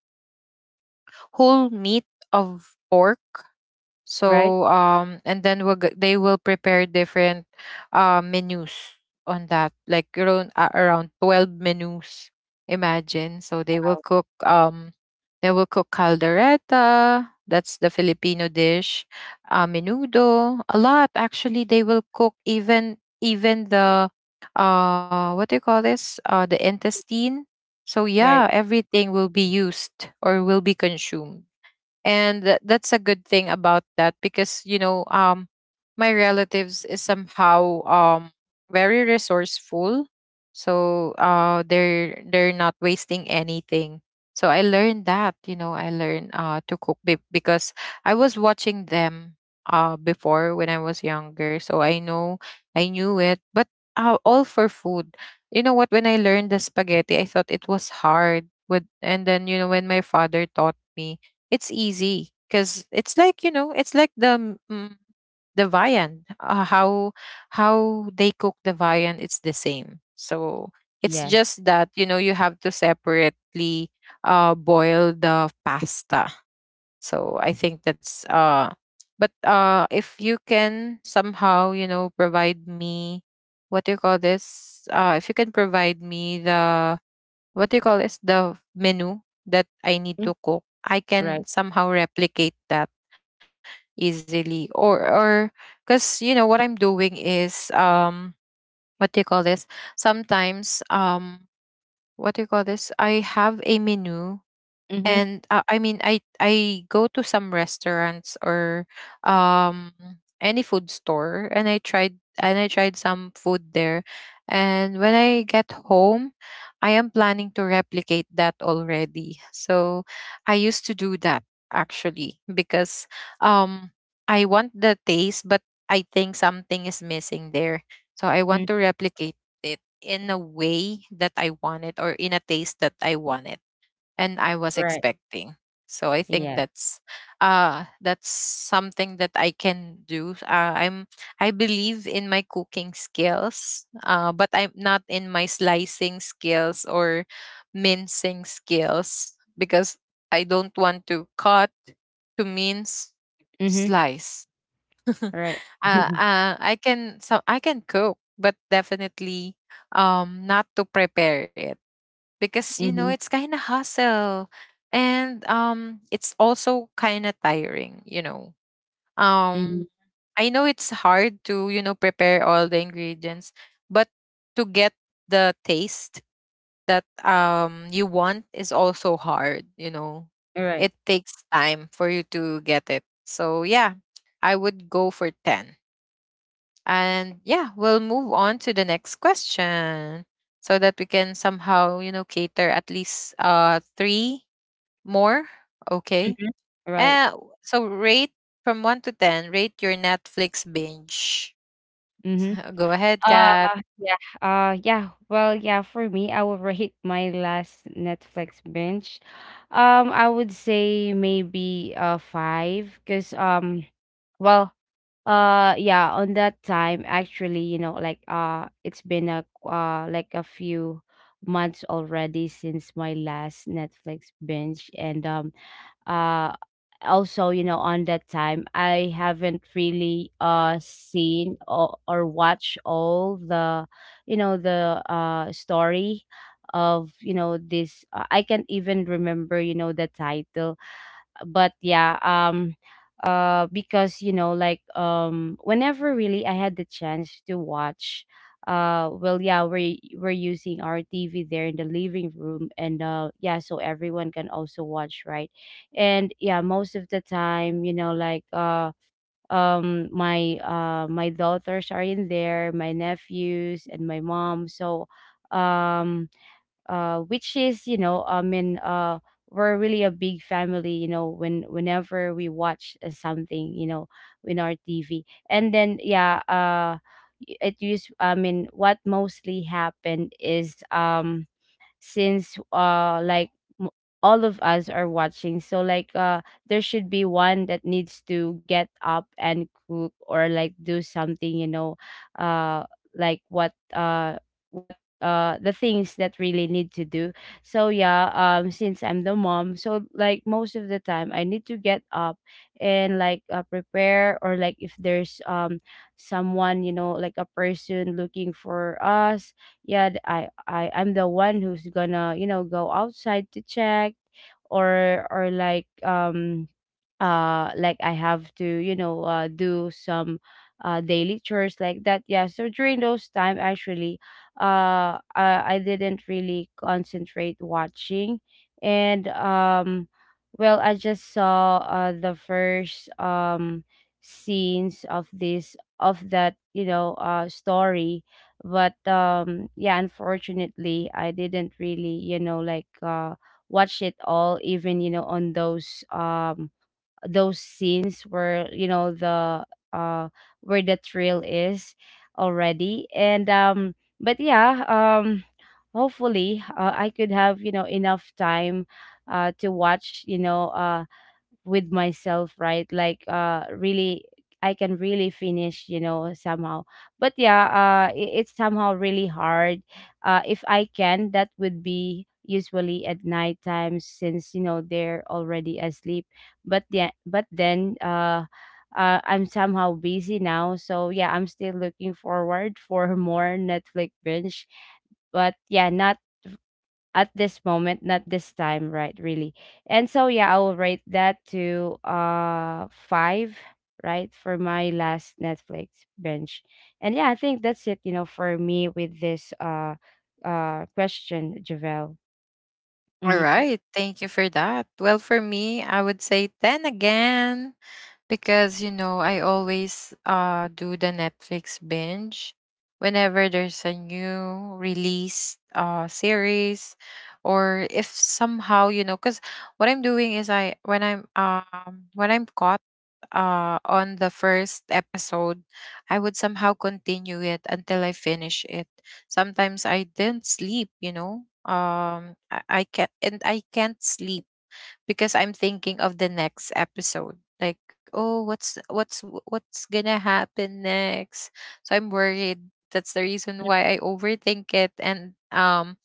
[SPEAKER 1] whole meat of pork.
[SPEAKER 2] Right.
[SPEAKER 1] So and then they will prepare different menus on that, like around 12 menus. Imagine. So they will
[SPEAKER 2] Wow.
[SPEAKER 1] cook um, they will cook caldereta. That's the Filipino dish. Menudo. A lot, actually. They will cook, even the what do you call this, the intestine. So
[SPEAKER 2] Right.
[SPEAKER 1] yeah, everything will be used, or will be consumed. And that's a good thing about that, because you know, my relatives is somehow very resourceful. So they're not wasting anything. So I learned that, you know. I learned to cook because I was watching them before when I was younger. So I know, I knew it. But all for food. You know what, when I learned the spaghetti, I thought it was hard. With, and then you know, when my father taught me, it's easy, because it's like, you know, it's like the viand. How they cook the viand, it's the same. So it's
[SPEAKER 2] Yes.
[SPEAKER 1] just that, you know, you have to separately boil the pasta. So I think that's But if you can somehow, you know, provide me, what do you call this? If you can provide me the, what do you call is, the menu that I need to
[SPEAKER 2] Mhm.
[SPEAKER 1] cook, I can
[SPEAKER 2] Right.
[SPEAKER 1] somehow replicate that easily, or because you know what I'm doing is, what do you call this, sometimes, what do you call this, I have a menu,
[SPEAKER 2] Mm-hmm.
[SPEAKER 1] and I mean, I go to some restaurants or, um any food store, and I tried some food there. And when I get home, I am planning to replicate that already. So I used to do that, actually, because um I want the taste, but I think something is missing there. So I
[SPEAKER 2] Hmm.
[SPEAKER 1] want to replicate it in a way that I want it, or in a taste that I want it, and I was
[SPEAKER 2] Right.
[SPEAKER 1] expecting. So I think
[SPEAKER 2] Yeah.
[SPEAKER 1] that's something that I can do. I believe in my cooking skills, but I'm not in my slicing skills or mincing skills, because I don't want to cut, to mince,
[SPEAKER 2] Mhm.
[SPEAKER 1] slice. uh,
[SPEAKER 2] Right.
[SPEAKER 1] I can so I can cook, but definitely not to prepare it because you know
[SPEAKER 2] Mhm.
[SPEAKER 1] it's kind of hustle and it's also kind of tiring, you know. um
[SPEAKER 2] Mhm.
[SPEAKER 1] I know it's hard to, you know, prepare all the ingredients, but to get the taste that you want is also hard, you know.
[SPEAKER 2] Right.
[SPEAKER 1] It takes time for you to get it, so yeah, I would go for 10. And yeah, we'll move on to the next question so that we can somehow, you know, cater at least three more. Okay.
[SPEAKER 2] Mhm. Right.
[SPEAKER 1] Uh, so rate from one to ten, rate your Netflix binge.
[SPEAKER 2] Mhm.
[SPEAKER 1] Go ahead,
[SPEAKER 2] Uh,
[SPEAKER 1] Kat.
[SPEAKER 2] yeah. Yeah. Well, yeah, for me, I would rate my last Netflix binge. I would say maybe, uh, five, cause, well, yeah, on that time, actually, you know, like, it's been a, like a few months already since my last Netflix binge. And, um uh also, you know, on that time I haven't really, uh, seen or watched all the, you know, the, uh, story of, you know, this, I can't even remember, you know, the title. But yeah, um, because, you know, like, um, whenever really I had the chance to watch, well, yeah, we're using our TV there in the living room. And, yeah, so everyone can also watch, right? And yeah, most of the time, you know, like, uh, my, my daughters are in there, my nephews, and my mom. So, um, which is, you know, I mean, uh, we're really a big family, you know, when whenever we watch, something, you know, in our TV. And then, yeah, it used, I mean, what mostly happened is, um, since, uh, like, m- all of us are watching, so, like, uh, there should be one that needs to get up and cook, or like, do something, you know, uh like, what, what, uh, the things that really need to do. So, yeah, um, since I'm the mom, so like most of the time I need to get up and, like, prepare, or like, if there's, um, someone, you know, like a person looking for us. Yeah, I, I'm the one who's gonna, you know, go outside to check, or like, um, uh, like I have to, you know, do some, uh, daily chores like that. Yeah, so during those time, actually, uh, I didn't really concentrate watching. And, um, well, I just saw, uh, the first, um, scenes of this of that, you know, uh, story. But, um, yeah, unfortunately, I didn't really, you know, like, watch it all, even, you know, on those, um, those scenes where, you know, the, uh where the thrill is already. And, um, but yeah, um, hopefully, I could have, you know, enough time, to watch, you know, uh, with myself, right? Like, uh, really, I can really finish, you know, somehow. But yeah, it's somehow really hard. Uh, if I can, that would be usually at night time, since, you know, they're already asleep. But yeah, but then, I'm somehow busy now. So, yeah, I'm still looking forward for more Netflix binge. But yeah, not at this moment, not this time, right? Really. And so, yeah, I will rate that to, uh, five, right, for my last Netflix binge. And yeah, I think that's it, you know, for me with this, uh, question, Javel.
[SPEAKER 1] All
[SPEAKER 2] Mm-hmm.
[SPEAKER 1] right, thank you for that. Well, for me, I would say 10 again because, you know, I always do the Netflix binge whenever there's a new release series, or if somehow, you know, because what I'm doing is when I'm caught on the first episode, I would somehow continue it until I finish it. Sometimes I didn't sleep, you know. I can't, and I can't sleep because I'm thinking of the next episode. Like, oh, what's gonna happen next? So I'm worried. That's the reason why I overthink it. And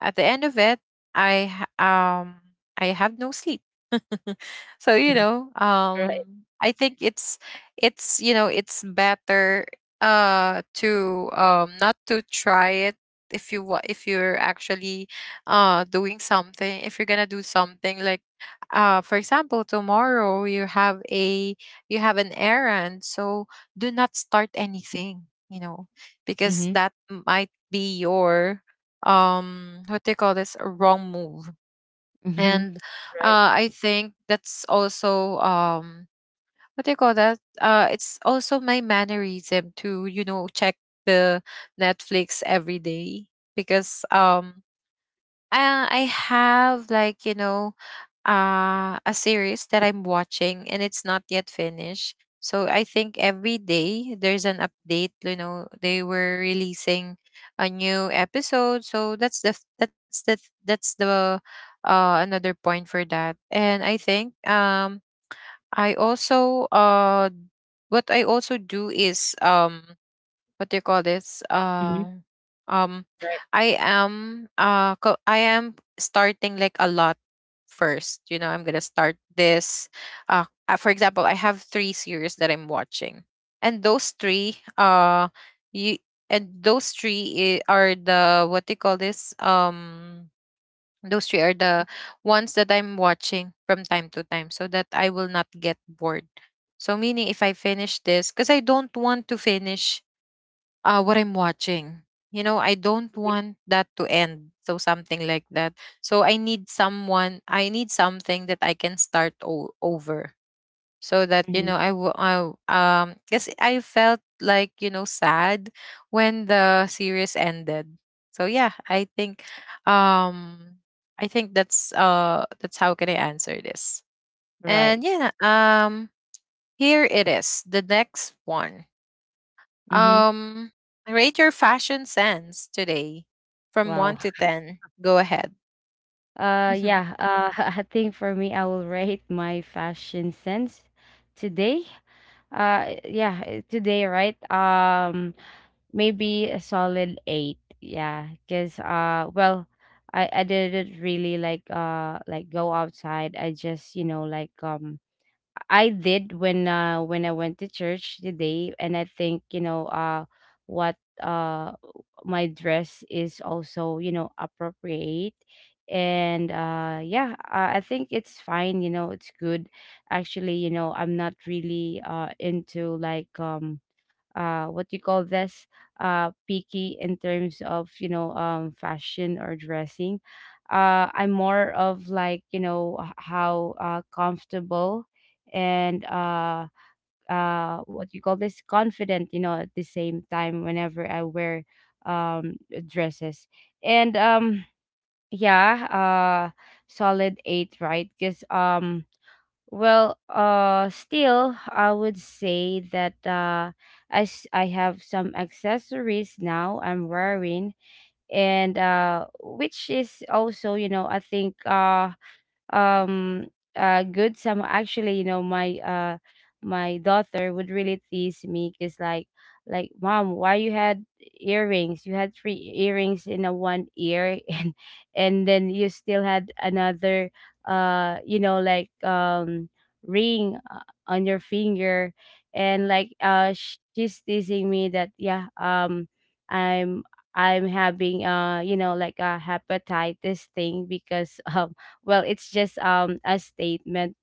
[SPEAKER 1] At the end of it, I ha- um I have no sleep. So, you know,
[SPEAKER 2] Right.
[SPEAKER 1] I think it's you know, it's better to not to try it if if you're actually doing something. If you're gonna do something like for example, tomorrow you have a you have an errand, so do not start anything, you know, because
[SPEAKER 2] Mm-hmm.
[SPEAKER 1] that might be your what do you call this a wrong move.
[SPEAKER 2] Mm-hmm.
[SPEAKER 1] And
[SPEAKER 2] Right.
[SPEAKER 1] I think that's also what do you call that? It's also my mannerism to, you know, check the Netflix every day because I have, like, you know, a series that I'm watching and it's not yet finished. So I think every day there's an update. You know, they were releasing a new episode. So that's the f- that's the th- that's the another point for that. And I think I also what I also do is what do you call this?
[SPEAKER 2] Mm-hmm.
[SPEAKER 1] Um,
[SPEAKER 2] Right.
[SPEAKER 1] I am I am starting, like, a lot first. You know, I'm gonna start this. For example, I have three series that I'm watching, and you those three are the what do you call this? Those three are the ones that I'm watching from time to time, so that I will not get bored. So meaning if I finish this, because I don't want to finish what I'm watching. You know, I don't want that to end. So something like that. So I need someone, I need something that I can start over. So that, you
[SPEAKER 2] Mm-hmm.
[SPEAKER 1] know, I will. Because I felt, like, you know, sad when the series ended. So yeah, um, I think that's how can I answer this. And
[SPEAKER 2] Right.
[SPEAKER 1] yeah, um, Here it is, the next one.
[SPEAKER 2] Mm-hmm.
[SPEAKER 1] Um, rate your fashion sense today from
[SPEAKER 2] Wow.
[SPEAKER 1] 1 to 10. Go ahead.
[SPEAKER 2] Uh, yeah, uh, I think for me I will rate my fashion sense today. Yeah, today, right? Maybe a solid eight. Yeah, because, well, I didn't really like, like go outside. I just, you know, like, um, I did when, when I went to church today. And I think, you know, what uh my dress is also, you know, appropriate. And, yeah, I think it's fine, you know, it's good. Actually, you know, I'm not really, uh, into like, um, uh, what do you call this, picky in terms of, you know, um, fashion or dressing. Uh, I'm more of like, you know, how, uh, comfortable, and, uh, what you call this, confident, you know, at the same time, whenever I wear, um, dresses. And, yeah, solid eight, right? Because, um, well, still, I would say that, I have some accessories now I'm wearing. And, which is also, you know, I think, um uh, good. Some, actually, you know, my, my daughter would really tease me, because like, mom, why you had earrings, you had three earrings in a one ear, and then you still had another, you know, like, um, ring, on your finger. And, like, uh, she's teasing me that, yeah, um, i'm I'm having, uh, you know, like a hepatitis thing, because, um, well, it's just, um, a statement.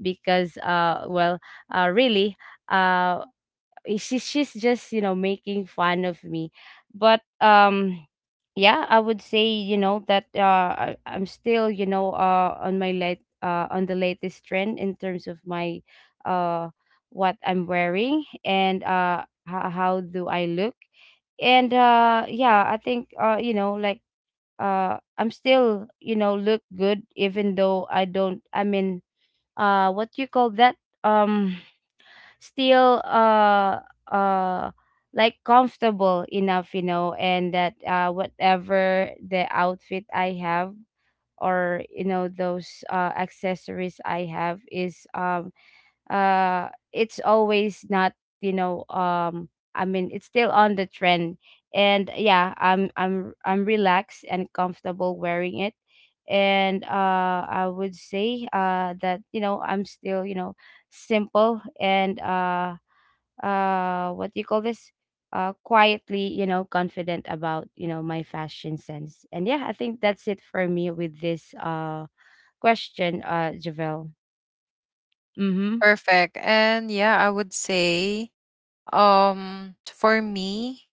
[SPEAKER 2] Because, uh, well, uh, really, uh, she's just, you know, making fun of me. But, um, yeah, I would say, you know, that, uh, I'm still, you know, uh, on my late on the latest trend, in terms of my, uh, what I'm wearing, and, uh, how do I look. And, uh, yeah, I think, uh, you know, like, uh, I'm still, you know, look good, even though I don't, I mean, uh, what you call that? Um, still, uh, like comfortable enough, you know. And that, uh, whatever the outfit I have, or, you know, those, uh, accessories I have, is, um, uh, it's always not, you know, um, I mean, it's still on the trend. And yeah, I'm I'm relaxed and comfortable wearing it. And, uh, I would say, uh, that, you know, I'm still, you know, simple. And, uh, what do you call this, uh, quietly, you know, confident about, you know, my fashion sense. And yeah, I think that's it for me with this, question, uh, Javel. Mm-hmm.
[SPEAKER 1] Perfect. I would say for me,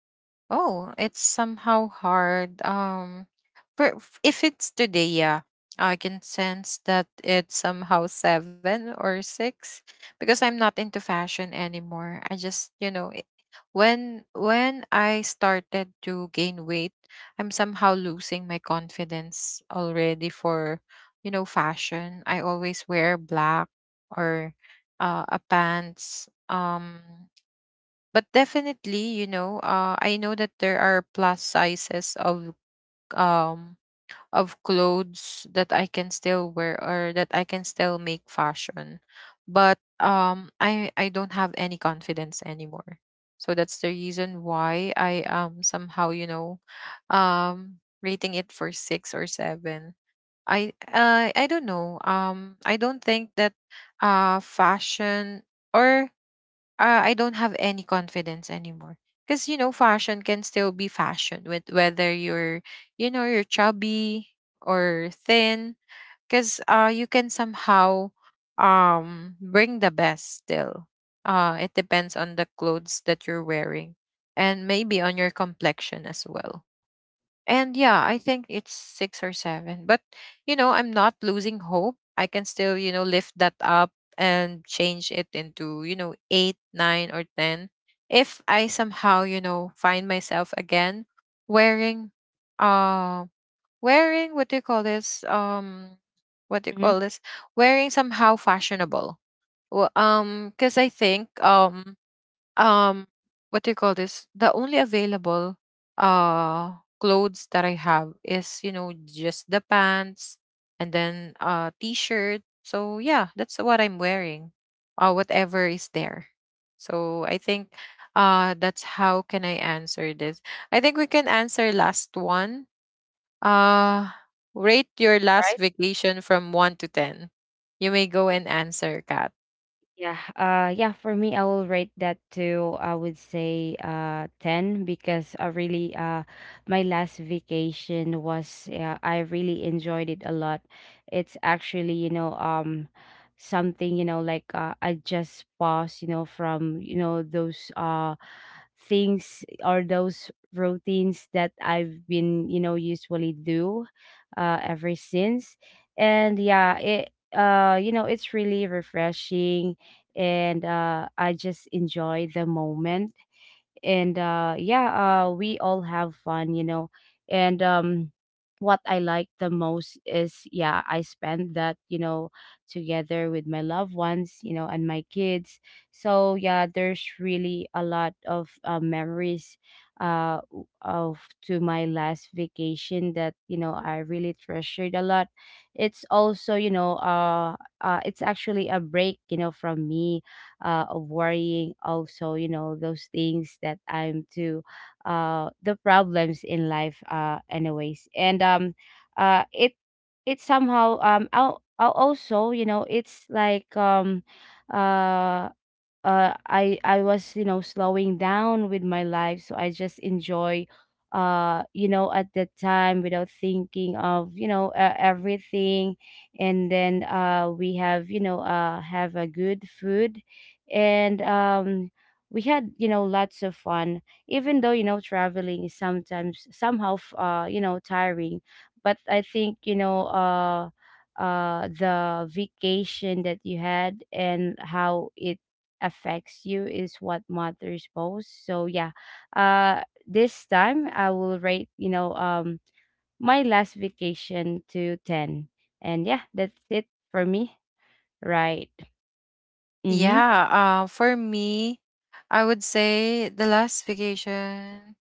[SPEAKER 1] oh, it's somehow hard. If it's today, yeah, I can sense that it's somehow seven or six because I'm not into fashion anymore. I just, you know, when I started to gain weight, I'm somehow losing my confidence already for, you know, fashion. I always wear black or a pants. But definitely, you know, I know that there are plus sizes um of clothes that I can still wear, or that I can still make fashion. But I don't have any confidence anymore. So that's the reason why I somehow, you know, rating it for 6 or 7. I don't know, I don't think that fashion or I don't have any confidence anymore. Because, you know, fashion can still be fashion with whether you're, you know, you're chubby or thin. Because you can somehow bring the best still. It depends on the clothes that you're wearing, and maybe on your complexion as well. And yeah, I think it's six or seven. But, you know, I'm not losing hope. I can still, you know, lift that up and change it into, you know, eight, nine, or 10. If I somehow, you know, find myself again wearing, uh, wearing, what do you call this? What do you
[SPEAKER 2] Mm-hmm.
[SPEAKER 1] call this? Wearing somehow fashionable. Well, because I think, um what do you call this the only available uh clothes that I have is, you know, just the pants and then t-shirt. So yeah, that's what I'm wearing, whatever is there. So I think that's how can I answer this. I think we can answer last one. uh Rate your last
[SPEAKER 2] Right.
[SPEAKER 1] vacation from 1 to 10. You may go and answer, Kat.
[SPEAKER 2] Yeah, uh, yeah, for me I will rate that to, I would say, uh, 10, because I really, uh, my last vacation was, yeah, I really enjoyed it a lot. It's actually, you know, um, something, you know, like, I just pause, you know, from, you know, those, uh, things or those routines that I've been, you know, usually do, ever since. And yeah, it, you know, it's really refreshing. And, I just enjoy the moment. And, yeah, we all have fun, you know. And, what I like the most is, yeah, I spend that, you know, together with my loved ones, you know, and my kids. So yeah, there's really a lot of, memories, of to my last vacation, that, you know, I really treasured a lot. It's also, you know, uh, it's actually a break, you know, from me, of worrying also, you know, those things that I'm to, the problems in life, uh, anyways. And, um, uh, it somehow, um, I'll also, you know, it's like, um uh I was, you know, slowing down with my life, so I just enjoy, uh, you know, at that time without thinking of, you know, everything. And then, uh, we have, you know, have a good food. And, we had, you know, lots of fun, even though, you know, traveling is sometimes somehow you know, tiring. But I think, you know, uh, the vacation that you had and how it affects you is what matters most. So yeah, this time I will rate, you know, um, my last vacation to ten. And yeah, that's it for me. Right. Mm-hmm.
[SPEAKER 1] Yeah, for me, I would say the last vacation,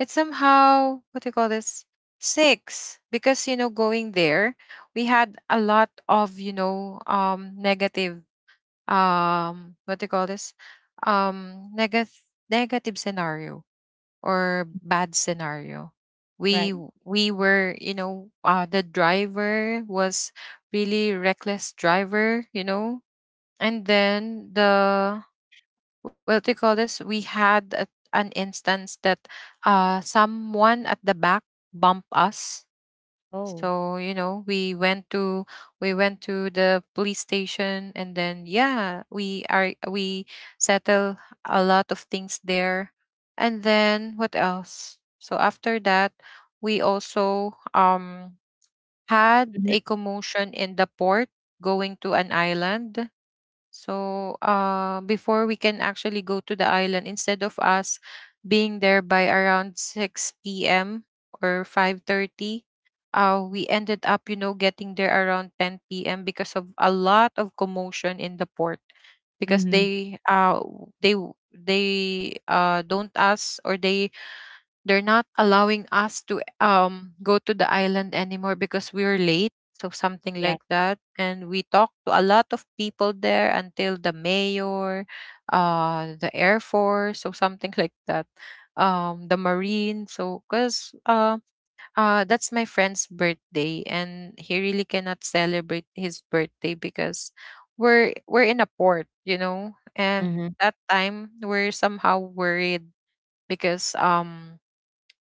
[SPEAKER 1] it's somehow, what do you call this? Six. Because, you know, going there, we had a lot of, you know, negative, what do you call this? Negative, negative scenario or bad scenario.
[SPEAKER 2] Right.
[SPEAKER 1] We we were, you know, the driver was really reckless driver, you know, and then the what do you call this? We had a, an instance that someone at the back bumped us.
[SPEAKER 2] Oh.
[SPEAKER 1] So, you know, we went to the police station, and then yeah, we settle a lot of things there. And then what else? So after that, we also had
[SPEAKER 2] Mm-hmm.
[SPEAKER 1] a commotion in the port going to an island. So before we can actually go to the island, instead of us being there by around 6 p.m. or 5:30, we ended up, you know, getting there around 10 p.m. because of a lot of commotion in the port. Because
[SPEAKER 2] Mm-hmm.
[SPEAKER 1] they don't ask, or they they're not allowing us to go to the island anymore because we were late. So something
[SPEAKER 2] Yes.
[SPEAKER 1] like that. And we talked to a lot of people there, until the mayor, the Air Force, so something like that. The Marine. So because that's my friend's birthday and he really cannot celebrate his birthday because we're in a port, you know, and
[SPEAKER 2] Mm-hmm.
[SPEAKER 1] that time we're somehow worried because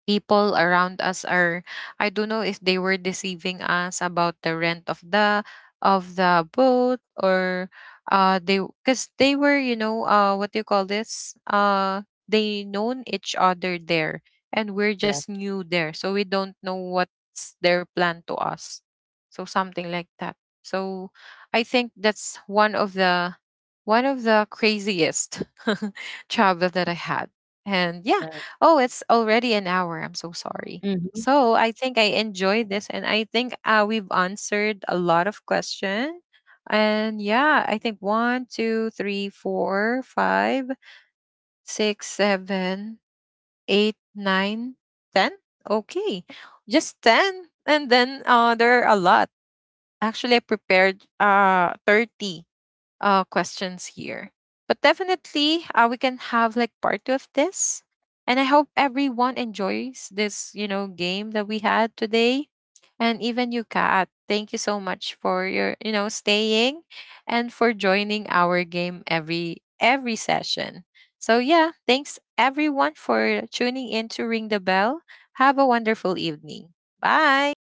[SPEAKER 1] people around us are I don't know if they were deceiving us about the rent of the boat. Or they, because they were, you know, what do you call this they known each other there, and we're
[SPEAKER 2] Yes.
[SPEAKER 1] just new there, so we don't know what's their plan to us. So something like that. So I think that's one of the craziest travel that I had. And yeah,
[SPEAKER 2] Right.
[SPEAKER 1] oh, it's already an hour. I'm so sorry.
[SPEAKER 2] Mm-hmm.
[SPEAKER 1] So I think I enjoyed this, and I think we've answered a lot of questions. And yeah, I think one, two, three, four, five, six, seven, eight, nine, ten. Okay, just ten, and then there are a lot. Actually, I prepared 30 questions here. But definitely, we can have like part two of this. And I hope everyone enjoys this, you know, game that we had today. And even you, Kat, thank you so much for your, you know, staying and for joining our game every session. So yeah, thanks everyone for tuning in to Ring the Bell. Have a wonderful evening. Bye.